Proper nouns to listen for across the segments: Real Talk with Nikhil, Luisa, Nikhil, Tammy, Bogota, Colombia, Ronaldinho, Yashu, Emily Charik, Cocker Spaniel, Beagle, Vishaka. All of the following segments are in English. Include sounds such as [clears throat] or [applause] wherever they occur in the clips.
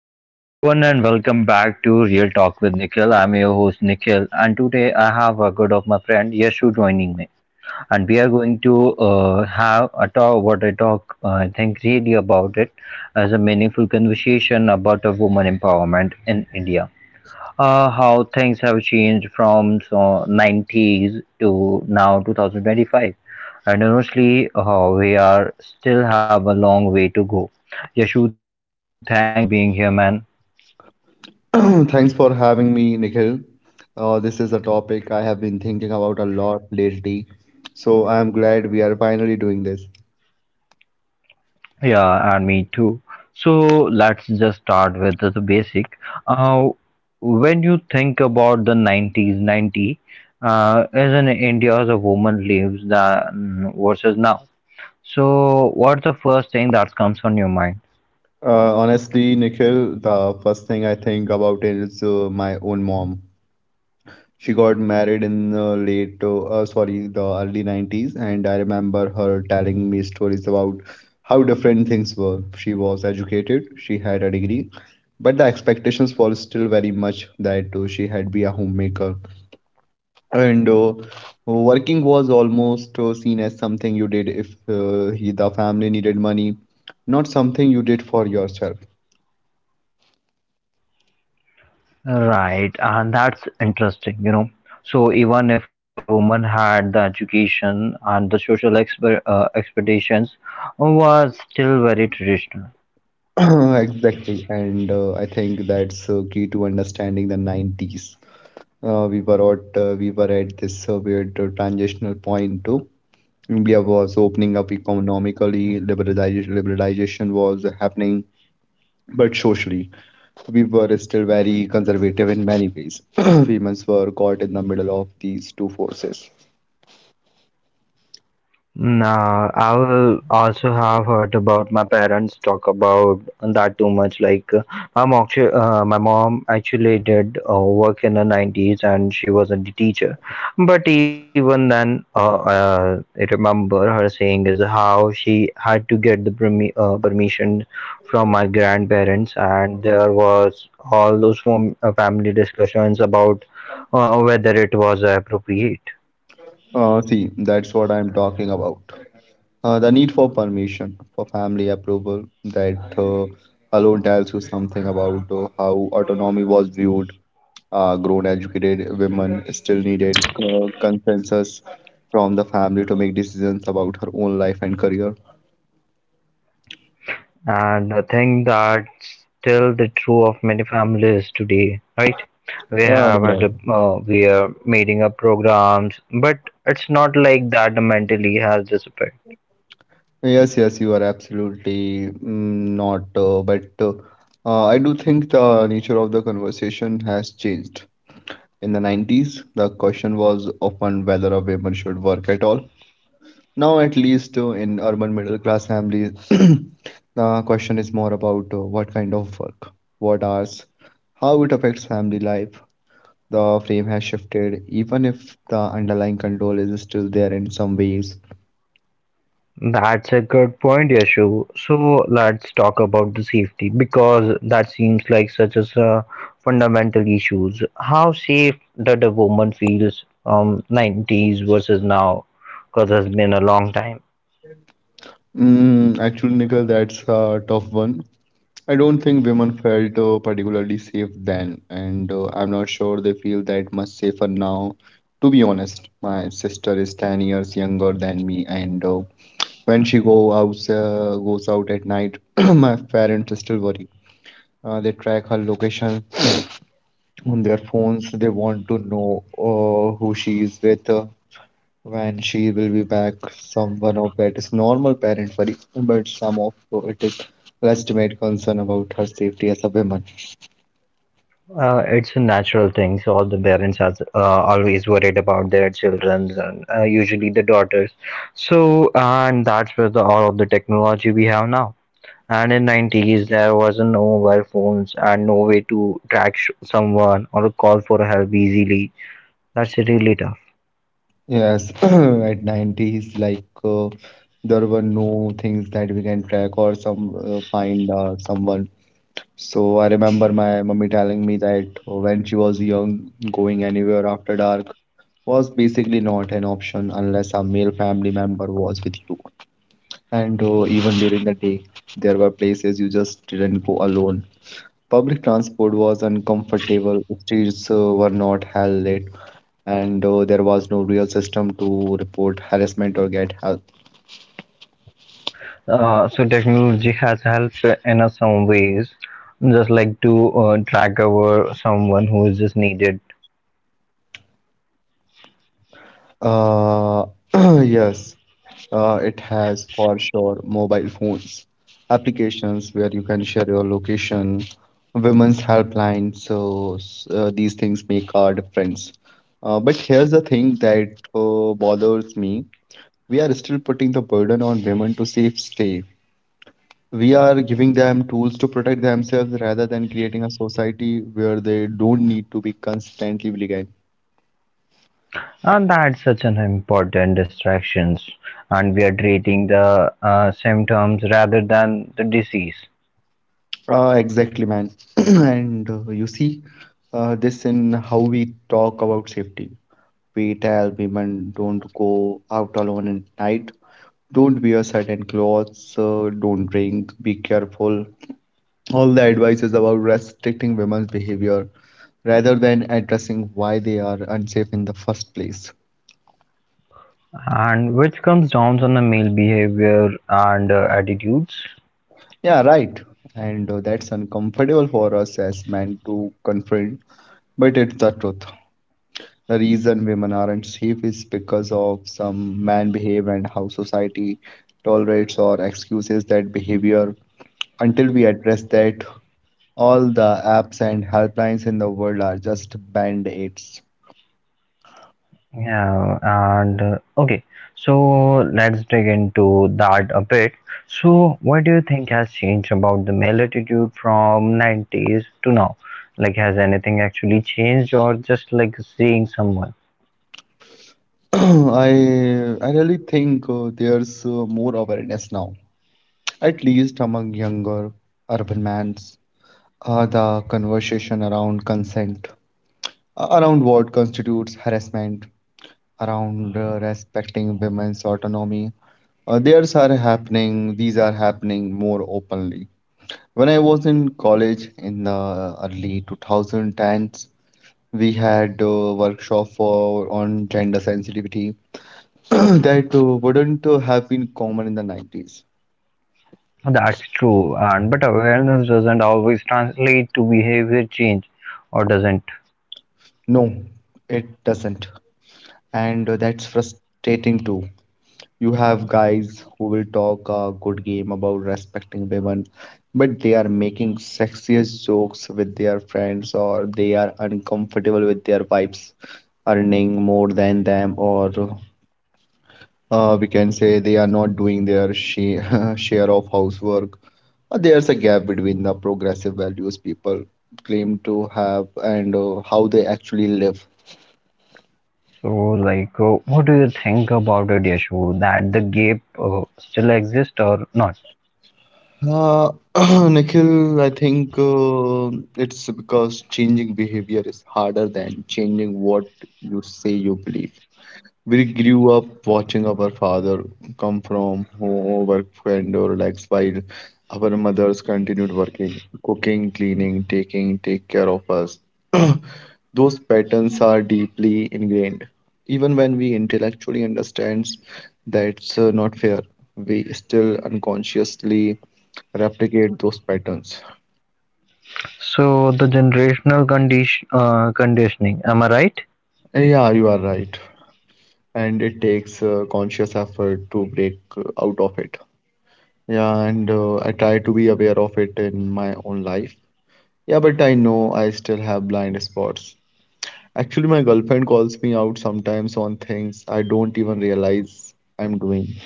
Hello everyone and welcome back to Real Talk with Nikhil. I'm your host Nikhil and today I have a good of my friend Yashu joining me and we are going to have a talk, what I talk, I think really about it, as a meaningful conversation about a woman empowerment in India. How things have changed from so 90s to now 2025, and honestly we are still have a long way to go. Yashu, thanks for being here, man. [clears throat] Thanks for having me, Nikhil. This is a topic I have been thinking about a lot lately, so I am glad we are finally doing this. Yeah, and me too. So let's just start with the basic. Uh, when you think about the 90s, 90 as in India as a woman lives the versus now. So what's the first thing that comes on your mind? Honestly, Nikhil, the first thing I think about is my own mom. She got married in the late, sorry, the early 90s, and I remember her telling me stories about how different things were. She was educated, she had a degree, but the expectations were still very much that she had be a homemaker. And working was almost seen as something you did if the family needed money, not something you did for yourself. Right, and that's interesting, you know. So even if a woman had the education and the social expectations was still very traditional. [clears throat] Exactly. And I think that's key to understanding the 90s. We were at this weird transitional point too. India was opening up economically, liberalization was happening, but socially. We were still very conservative in many ways. [clears throat] Women were caught in the middle of these two forces. Nah, I'll also have heard about my parents talk about that too much. My mom, my mom actually did work in the 90s and she was a teacher. But even then, I remember her saying is how she had to get the permission from my grandparents, and there was all those family discussions about whether it was appropriate. See, that's what I'm talking about. The need for permission, for family approval, that alone tells you something about how autonomy was viewed. Grown, educated women still needed consensus from the family to make decisions about her own life and career. And I think that's still the true of many families today, right? We have a, Yeah. We are meeting up programs, but it's not like that mentally has disappeared. Yes, yes, you are absolutely mm, not. But I do think the nature of the conversation has changed. In the 90s, the question was often whether a woman should work at all. Now, at least in urban middle class families, [clears throat] the question is more about what kind of work, what hours, how it affects family life. The frame has shifted, even if the underlying control is still there in some ways. That's a good point, Yashu. So let's talk about the safety because that seems like such as a fundamental issues. How safe that a woman feels 90s versus now, because it's been a long time. Mm, actually, Nikhil, that's a tough one. I don't think women felt particularly safe then, and I'm not sure they feel that much safer now. To be honest, my sister is 10 years younger than me, and when goes out at night, [clears throat] my parents still worry. They track her location on their phones. They want to know who she is with, when she will be back. Some one of that is normal parent worry, but some of it is legitimate concern about her safety as a woman. It's a natural thing. So all the parents are always worried about their children, and usually the daughters. So and that's where the all of the technology we have now. And in 90s, there was no mobile phones and no way to track someone or call for help easily. That's really tough. Yes, [clears throat] at 90s, like there were no things that we can track or someone. So I remember my mummy telling me that when she was young, going anywhere after dark was basically not an option unless a male family member was with you. And even during the day, there were places you just didn't go alone. Public transport was uncomfortable, streets were not hell lit, and there was no real system to report harassment or get help. So technology has helped in a some ways, just like to track over someone who is just needed. Uh, [clears throat] yes, it has for sure mobile phones, applications where you can share your location, women's helpline. So these things make a difference. But here's the thing that bothers me. We are still putting the burden on women to safe stay. We are giving them tools to protect themselves rather than creating a society where they don't need to be constantly vigilant. And that's such an important distraction. And we are treating the symptoms rather than the disease. Exactly, man. [clears throat] And you see this in how we talk about safety. We tell women don't go out alone at night, don't wear certain clothes, don't drink, be careful. All the advice is about restricting women's behavior rather than addressing why they are unsafe in the first place. And which comes down on the male behavior and attitudes. Yeah, right. And that's uncomfortable for us as men to confront, but it's the truth. The reason women aren't safe is because of some man behave and how society tolerates or excuses that behavior. Until we address that, all the apps and helplines in the world are just band-aids. Yeah, and okay, so let's dig into that a bit. So, what do you think has changed about the male attitude from 90s to now? Like, has anything actually changed, or just like seeing someone? [clears throat] I I really think there's more awareness now, at least among younger urban men. The conversation around consent around what constitutes harassment, around respecting women's autonomy. These are happening more openly. When I was in college in the early 2010s, we had a workshop for on gender sensitivity [clears throat] that wouldn't have been common in the 90s. That's true, and but awareness doesn't always translate to behavior change, or doesn't. No, it doesn't, and that's frustrating too. You have guys who will talk a good game about respecting women, but they are making sexiest jokes with their friends or they are uncomfortable with their wives earning more than them, or we can say they are not doing their share, [laughs] share of housework. There's a gap between the progressive values people claim to have and how they actually live. So, like, what do you think about it, Yashu? That the gap still exists or not? Uh, [clears throat] Nikhil, I think it's because changing behavior is harder than changing what you say you believe. We grew up watching our father come from home, work and or relax while our mothers continued working, cooking, cleaning, taking take care of us. [clears throat] Those patterns are deeply ingrained. Even when we intellectually understand that's not fair, we still unconsciously replicate those patterns. So the generational conditioning, am I right? Yeah, you are right. And it takes conscious effort to break out of it. Yeah, and I try to be aware of it in my own life. Yeah, but I know I still have blind spots. Actually, my girlfriend calls me out sometimes on things I don't even realize I'm doing,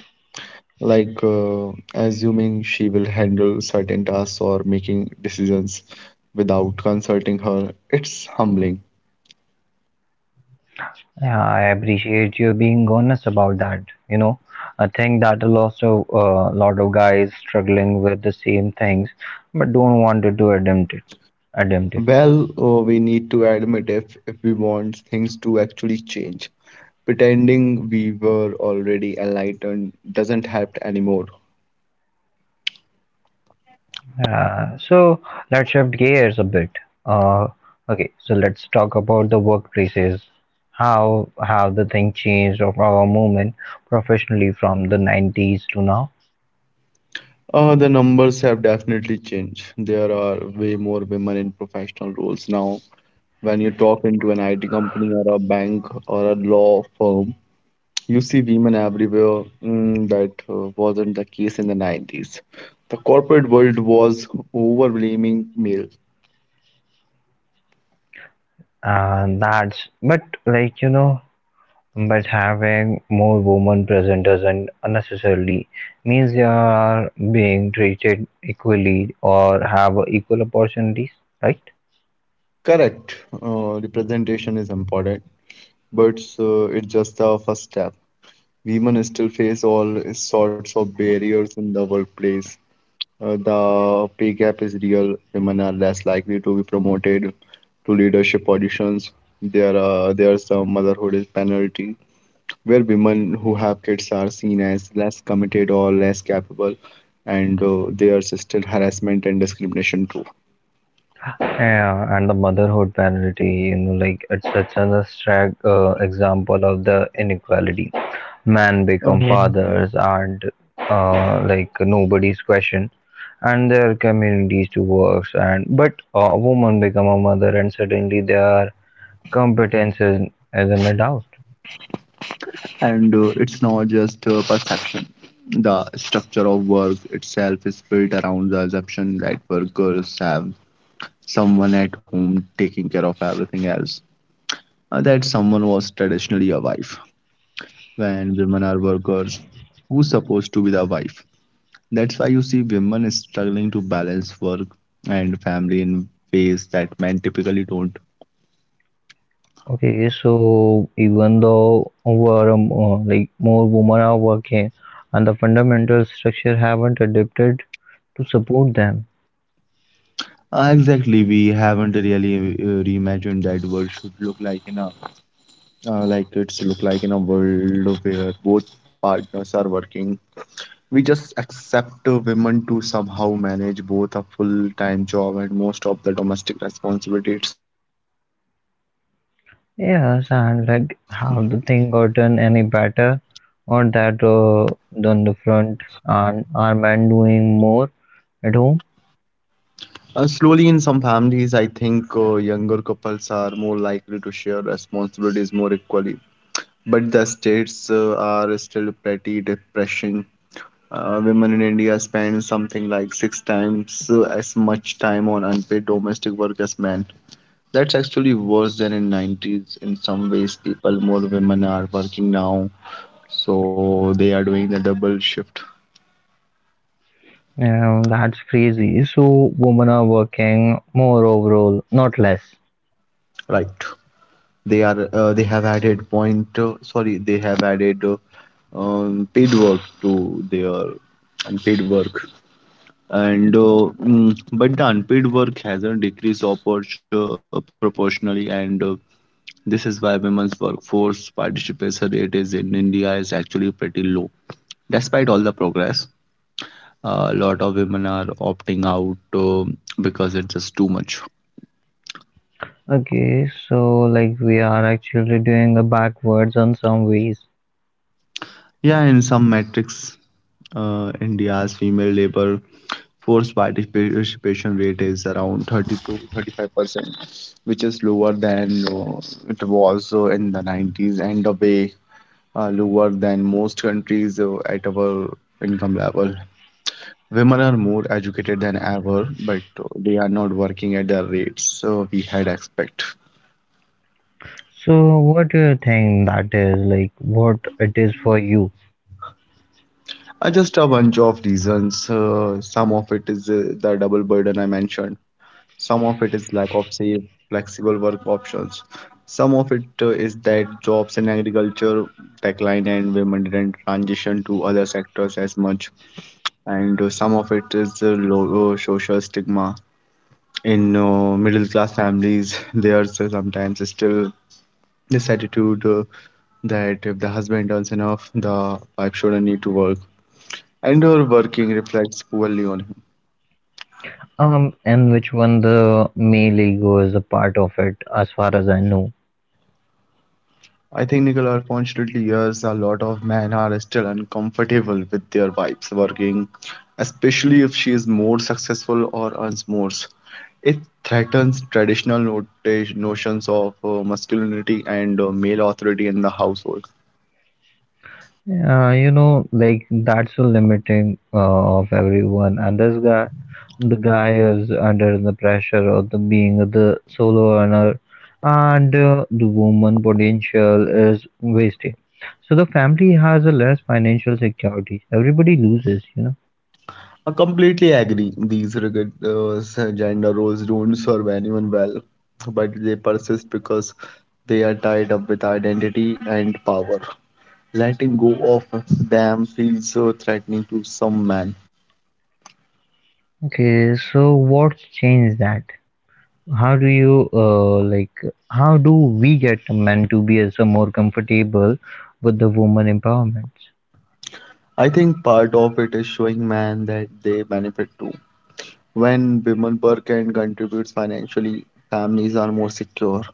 like assuming she will handle certain tasks or making decisions without consulting her. It's humbling. Yeah, I appreciate you being honest about that. You know, I think that a lot of guys struggling with the same things, but don't want to do admit it. Admit it. Well, we need to admit if we want things to actually change. Pretending we were already enlightened doesn't help anymore. So let's shift gears a bit. Uh, okay, so let's talk about the workplaces. How have the thing changed of our movement professionally from the 90s to now? The numbers have definitely changed. There are way more women in professional roles now. When you talk into an IT company or a bank or a law firm, you see women everywhere. Mm, that wasn't the case in the 90s. The corporate world was overblaming male. And that's but like you know, but having more women present doesn't unnecessarily means they are being treated equally or have equal opportunities, right? Correct. Representation is important, but it's just the first step. Women still face all sorts of barriers in the workplace. The pay gap is real. Women are less likely to be promoted to leadership positions. There's a motherhood is penalty, where women who have kids are seen as less committed or less capable, and there's still harassment and discrimination too. Yeah, and the motherhood penalty, you know, like it's such an abstract example of the inequality. Men Um, become fathers, and like nobody's question, and their communities to work. And but a woman become a mother, and suddenly their competences as an adult. and it's not just perception. The structure of work itself is built around the assumption that workers have someone at home taking care of everything else, that someone was traditionally a wife. When women are workers, who's supposed to be the wife? That's why you see women struggling to balance work and family in ways that men typically don't. Okay, so even though over like more women are working, and the fundamental structure haven't adapted to support them. Exactly, we haven't really reimagined that world should look like in a like it's look like in a world where both partners are working. We just accept women to somehow manage both a full-time job and most of the domestic responsibilities. It's unsustainable. Yes, and like, have the thing gotten any better, or that on the front, and are men doing more at home? Slowly, in some families, I think younger couples are more likely to share responsibilities more equally. But the states are still pretty depressing. Women in India spend something like 6 times as much time on unpaid domestic work as men. That's actually worse than in 90s. In some ways, people, more women are working now, so they are doing the double shift. Yeah, that's crazy. So women are working more overall, not less. Right. They are. They have added paid work to their unpaid work. But the unpaid work hasn't decreased oppor- proportionally, and this is why women's workforce participation rate is in India is actually pretty low, despite all the progress. A lot of women are opting out because it's just too much. Okay, so like we are actually doing a backwards on some ways. Yeah, in some metrics, India's female labor force participation rate is around 30 to 35%, which is lower than it was in the 90s and a way lower than most countries at our income level. Women are more educated than ever, but they are not working at the rates we had expect. So what do you think that is like? What it is for you? Just a bunch of reasons. Some of it is the double burden I mentioned. Some of it is lack of safe, flexible work options. Some of it is that jobs in agriculture decline and women didn't transition to other sectors as much. And some of it is low social stigma. In middle class families, [laughs] there's sometimes still this attitude that if the husband earns enough, the wife shouldn't need to work and her working reflects poorly on him. And which one the male ego is a part of it, as far as I know. I think Nicola, unfortunately, yes, a lot of men are still uncomfortable with their wives working, especially if she is more successful or earns more. It threatens traditional notions of masculinity and male authority in the household. You know, like that's the limiting of everyone, and this guy, the guy is under the pressure of the being the solo earner, and the woman potential is wasted. So the family has a less financial security. Everybody loses, you know. I completely agree. These rigid gender roles don't serve anyone well, but they persist because they are tied up with identity and power. Letting go of them feels so threatening to some men. Okay, so what's changed that? How do you like? How do we get a man to be as a more comfortable with the woman empowerment? I think part of it is showing men that they benefit too. When women work and contributes financially, families are more secure.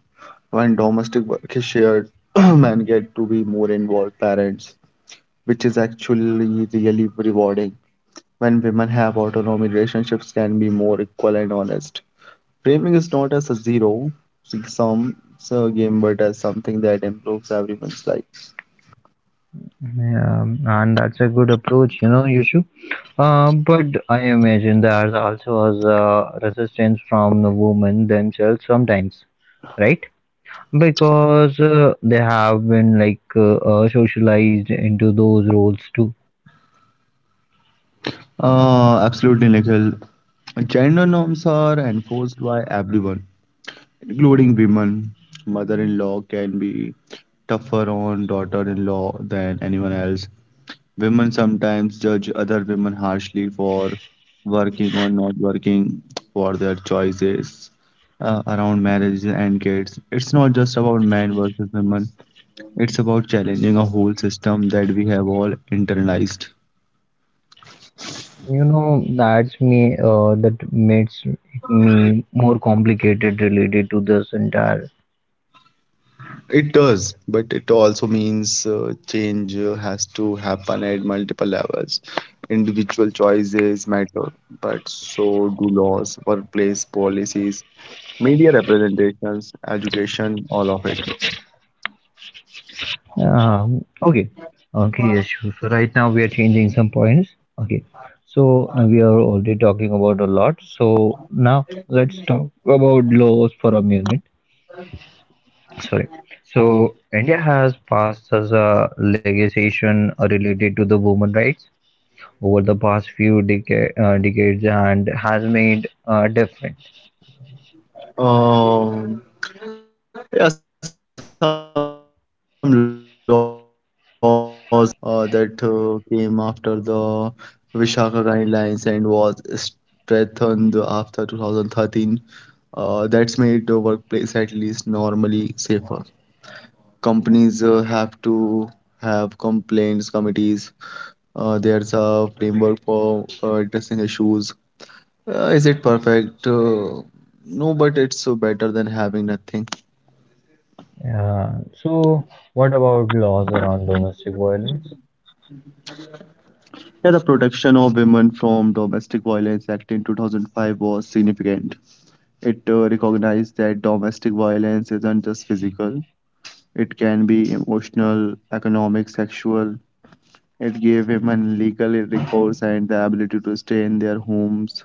When domestic work is shared, [clears throat] men get to be more involved parents, which is actually really rewarding. When women have autonomy, relationships can be more equal and honest. Framing is not as a zero sum game, but as something that improves everyone's life. Yeah, and that's a good approach, you know, Yusuf. But I imagine there also was resistance from the women themselves sometimes, right? Because they have been like socialized into those roles too. Absolutely, Nikhil. Gender norms are enforced by everyone, including women. Mother-in-law can be tougher on daughter-in-law than anyone else. Women sometimes judge other women harshly for working or not working, for their choices around marriages and kids. It's not just about men versus women, it's about challenging a whole system that we have all internalized. You know, that's me. That makes me more complicated related to this entire. It does, but it also means change has to happen at multiple levels. Individual choices matter, but so do laws, workplace policies, media representations, education, all of it. Um, okay, okay, yes, sure. So right now we are changing some points. Okay, so we are already talking about a lot. So now let's talk about laws for a minute. Sorry. So India has passed as a legislation related to the women rights over the past few decades and has made a difference. Um, Yeah, some laws have definitely helped. The sexual harassment law that came after the Vishaka guidelines and was strengthened after 2013. That's made the workplace at least normally safer. Companies have to have complaints committees. There's a framework for addressing issues. Is it perfect? No, but it's better than having nothing. So what about laws around domestic violence, Yeah, the protection of women from Domestic Violence Act in 2005 was significant. It recognized that domestic violence isn't just physical, it can be emotional, economic, sexual. It gave women legal recourse and the ability to stay in their homes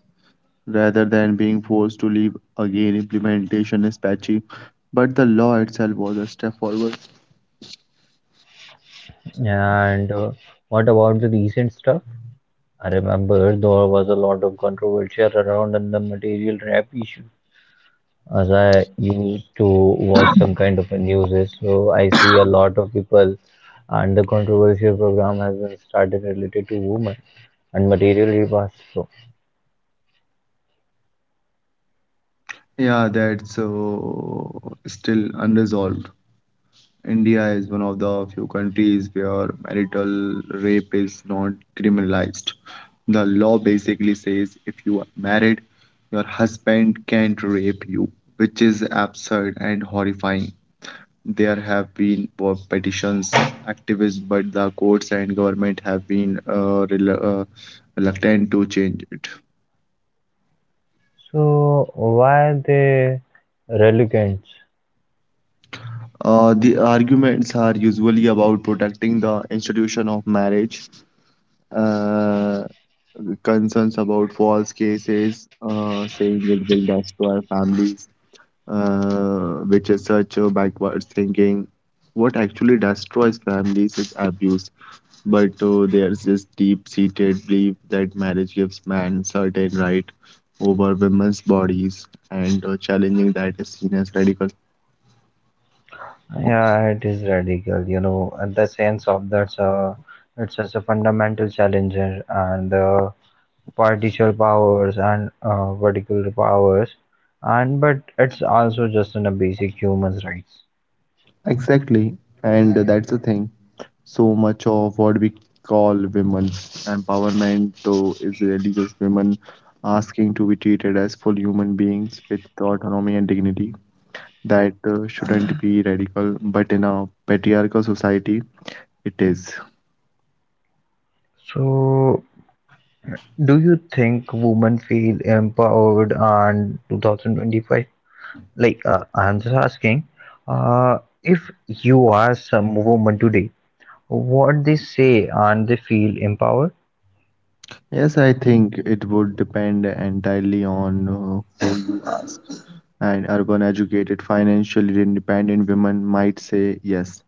rather than being forced to leave. Again, implementation is patchy, but the law itself was a step forward. and what about the recent stuff? I remember there was a lot of controversy around the material rap issue. As I used to watch some kind of a news, so I see a lot of people, and the controversial program has been started related to women and material rap also. Yeah, that's still unresolved. India is one of the few countries where marital rape is not criminalized. The law basically says if you are married, your husband can't rape you, which is absurd and horrifying. There have been petitions, activists, but the courts and government have been reluctant to change it. So why they relegants? The arguments are usually about protecting the institution of marriage, uh, concerns about false cases, saying it will destroy families, which is such a backwards thinking. What actually destroys families is abuse, but there's this deep seated belief that marriage gives man certain right over women's bodies, and challenging that is seen as radical. Yeah, it is radical, you know, and the sense of that's a, it's such a fundamental challenge, and partial powers and particular powers, and but it's also just on a basic human rights. Exactly, and that's the thing. So much of what we call women's empowerment though is really just women asking to be treated as full human beings with autonomy and dignity that shouldn't be radical, but in a patriarchal society it is. So do you think women feel empowered and 2025, I'm just asking, uh, if you are some woman today, what they say and they feel empowered? Yes, I think it would depend entirely on an urban educated financially independent women might say yes.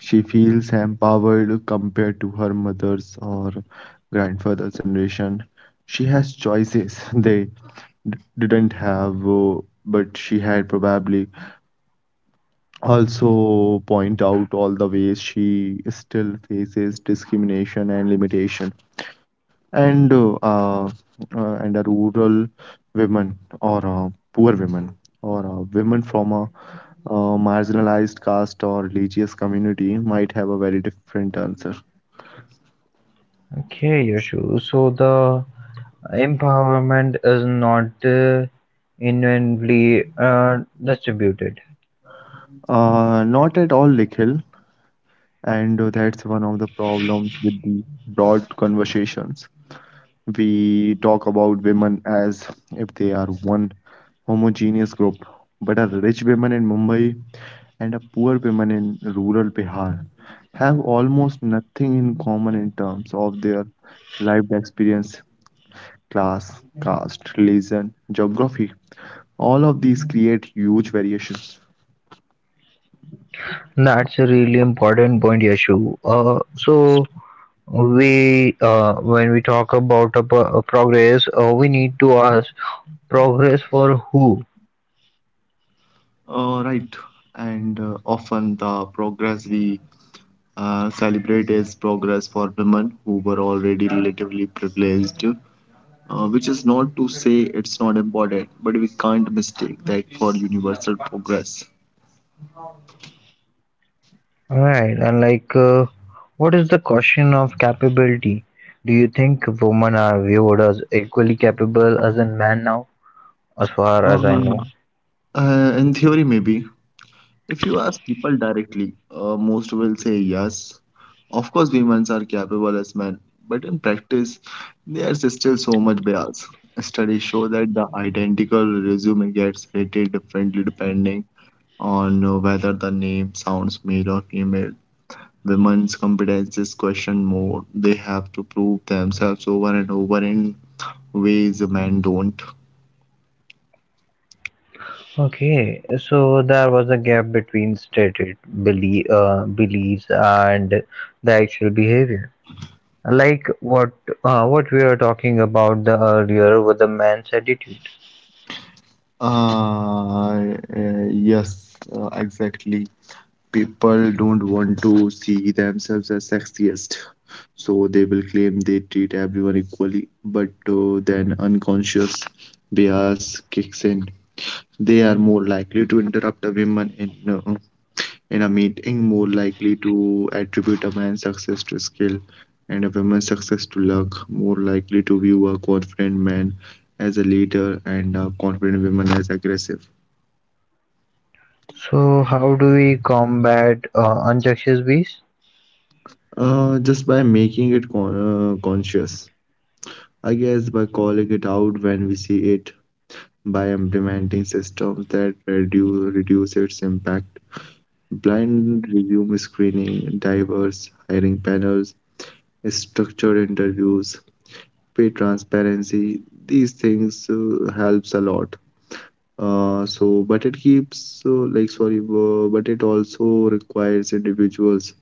She feels empowered compared to her mother's or grandfather's generation. She has choices [laughs] they didn't have, but she had probably also point out all the ways she still faces discrimination and limitation. And uh, uh, and a rural women or poor women or women from a marginalized caste or religious community might have a very different answer. Okay, Yashu, so the empowerment is not inherently distributed. Not at all, Nikhil. And that's one of the problems with the broad conversations. We talk about women as if they are one homogeneous group, but a rich woman in Mumbai and a poor woman in rural Bihar have almost nothing in common in terms of their lived experience, class, caste, religion, geography. All of these create huge variations. That's a really important point, Yashu. So we, when we talk about a, a progress, we need to ask progress for who, Right, and often the progress we celebrate is progress for women who were already relatively privileged, which is not to say it's not important, but we can't mistake that for universal progress. right? And like, what is the question of capability? Do you think women are viewed as equally capable as a man now? As far as I know. Uh, in theory, maybe. If you ask people directly, most will say yes. Of course, women are capable as men, but in practice, there's still so much bias. Studies show that the identical resume gets rated differently depending on whether the name sounds male or female. Women's competence is questioned more. They have to prove themselves over and over in ways men don't. Okay, so there was a gap between stated beliefs and the actual behavior. What what we were talking about the earlier with the man's attitude. Uh, uh, yes, exactly. People don't want to see themselves as sexiest, so they will claim they treat everyone equally, but then unconscious bias kicks in. They are more likely to interrupt a woman in a meeting, more likely to attribute a man's success to skill and a woman's success to luck, more likely to view a confident man as a leader and a confident woman as aggressive. So how do we combat unconscious bias? Just by making it conscious. I guess by calling it out when we see it, by implementing systems that reduce its impact. Blind resume screening, diverse hiring panels, structured interviews, pay transparency, these things helps a lot. So, but it keeps, like, sorry, But it also requires individuals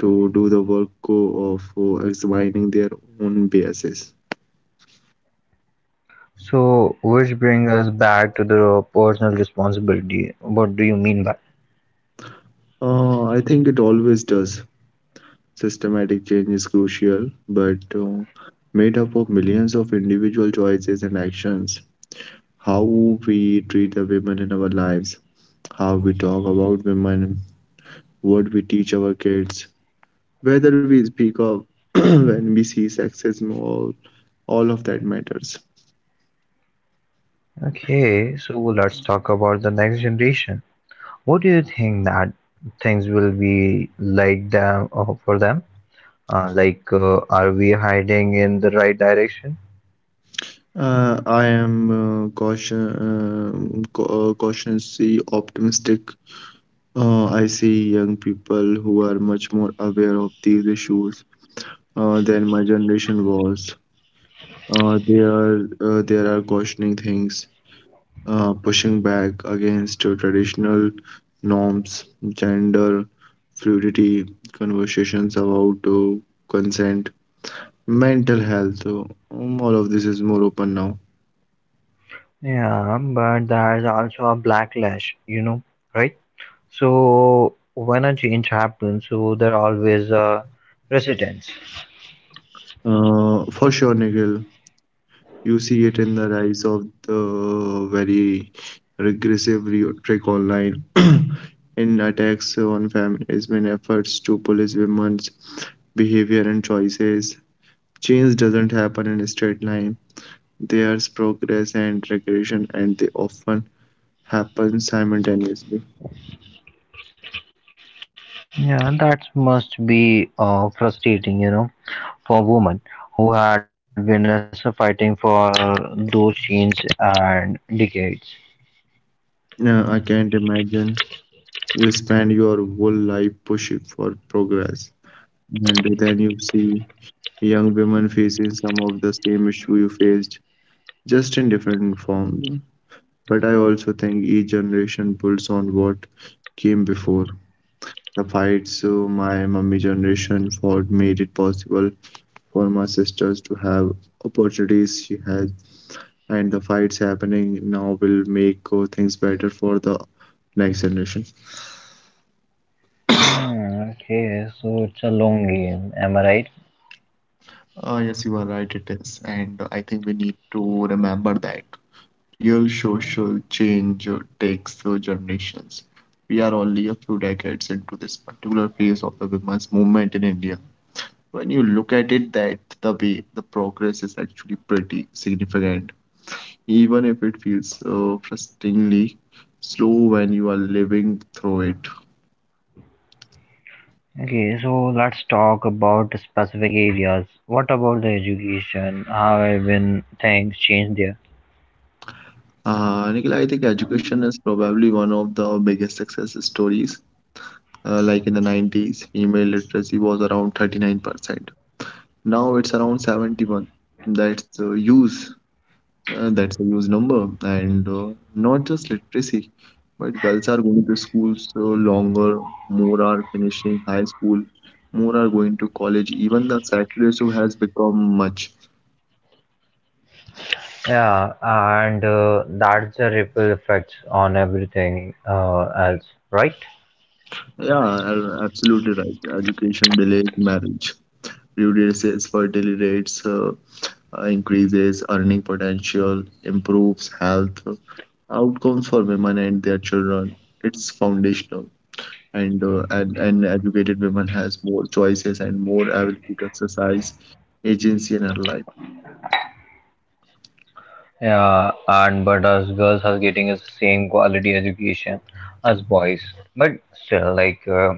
to do the work of examining their own biases. So which brings us back to the personal responsibility. What do you mean by? I think it always does. Systematic change is crucial, but made up of millions of individual choices and actions. How we treat the women in our lives, how we talk about women, what we teach our kids, whether we speak of [clears throat] when we see sexism, all of that matters. Okay, so let's talk about the next generation. What do you think that things will be like them, for them, are we heading in the right direction? I am cautiously optimistic. I see young people who are much more aware of these issues than my generation was. They are There are questioning things, pushing back against traditional norms, gender fluidity, conversations about consent, mental health. All of this is more open now. Yeah, but there's also a backlash, you know, right? So when a change happens, so there are always resistance. For sure, Nikhil, you see it in the rise of the very regressive rhetoric online, [clears throat] in attacks on feminism, in efforts to police women's behavior and choices. Change doesn't happen in a straight line. There's progress and regression, and they often happen simultaneously. Yeah, that must be frustrating, you know, for women who had been fighting for those changes and decades. No, I can't imagine. You spend your whole life pushing for progress, and then you see young women facing some of the same issue you faced, just in different forms. But I also think each generation builds on what came before. The fights my mummy generation fought made it possible for my sisters to have opportunities she has, and the fights happening now will make things better for the next generation. Hmm, okay, so it's a long game, am I right? Yes, you are right, it is. And I think we need to remember that real social change takes generations. We are only a few decades into this particular phase of the women's movement in India. When you look at it that the way, the progress is actually pretty significant, even if it feels frustratingly slow when you are living through it. Okay, so let's talk about specific areas. What about the education? How have been things changed there? Nikhil, I think education is probably one of the biggest success stories. Like in the 90s, female literacy was around 39%. Now it's around 71. That's a huge, that's a huge number. And not just literacy, but girls are going to schools so longer, more are finishing high school, more are going to college. Even the sex ratio has become much. Yeah, and that's the ripple effects on everything else, right? Yeah, absolutely right. Education delays marriage, reduces fertility rates, increases earning potential, improves health outcomes for women and their children. It's foundational, and an educated woman has more choices and more ability to exercise agency in her life. Yeah, and but us girls are getting the same quality education as boys, but still,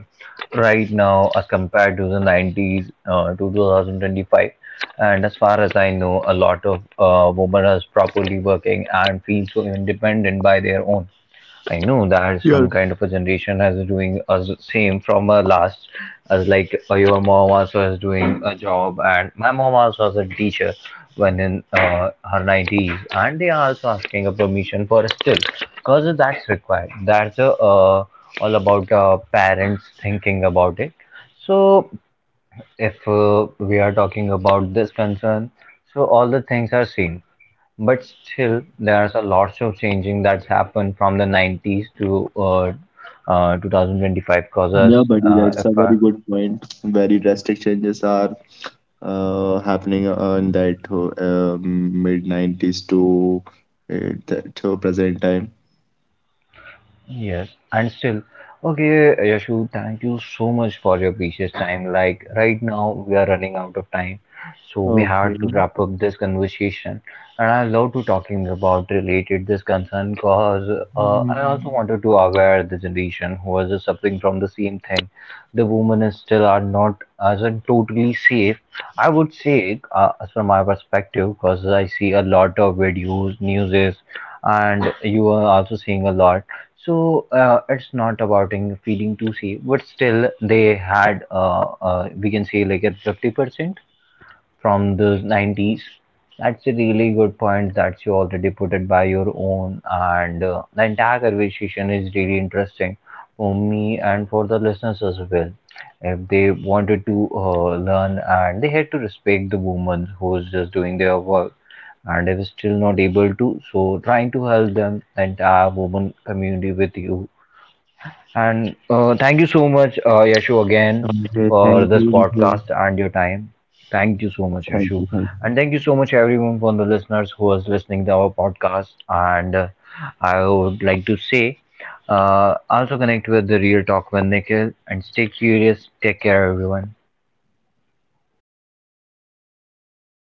right now, as compared to the 90s to 2025, and as far as I know, a lot of women are properly working and feel so independent by their own. Yeah, I know that some kind of a generation has doing us same from a last, as your mom also is doing a job, and my mom also was a teacher when in her 90s, and they are also asking a permission for still because that's required. That's all about parents thinking about it. So if we are talking about this concern, so all the things are seen, but still, there's a lots of changing that's happened from the 90s to 2025. yeah, Causes, buddy, that's a if very I, good point. Very drastic changes are happening in that mid 90s to to present time. yes, and still, okay, Yashu, thank you so much for your precious time. Like right now, we are running out of time, so we had to Okay. wrap up this conversation. And I love to talking about related this concern, because I also Um, wanted to aware the generation who was just suffering from the same thing. The women is still are not as a totally safe. I would say, as from my perspective, because I see a lot of videos, newses, and you are also seeing a lot, so it's not about in feeling too safe, but still they had, we can say, like a 50% from the 90s. That's a really good point that you already put it by your own, and the entire conversation is really interesting for me and for the listeners as well. If they wanted to learn and they had to respect the woman who is just doing their work, and if still not able to, so trying to help them, the entire woman community with you. And thank you so much, Yashu, again okay, for thank this you. podcast and your time. Thank you so much, Thank you, Yashu. thank you. And thank you so much, everyone, for the listeners who was listening to our podcast. And I would like to say, also connect with the Real Talk with Nikhil and stay curious. Take care, everyone.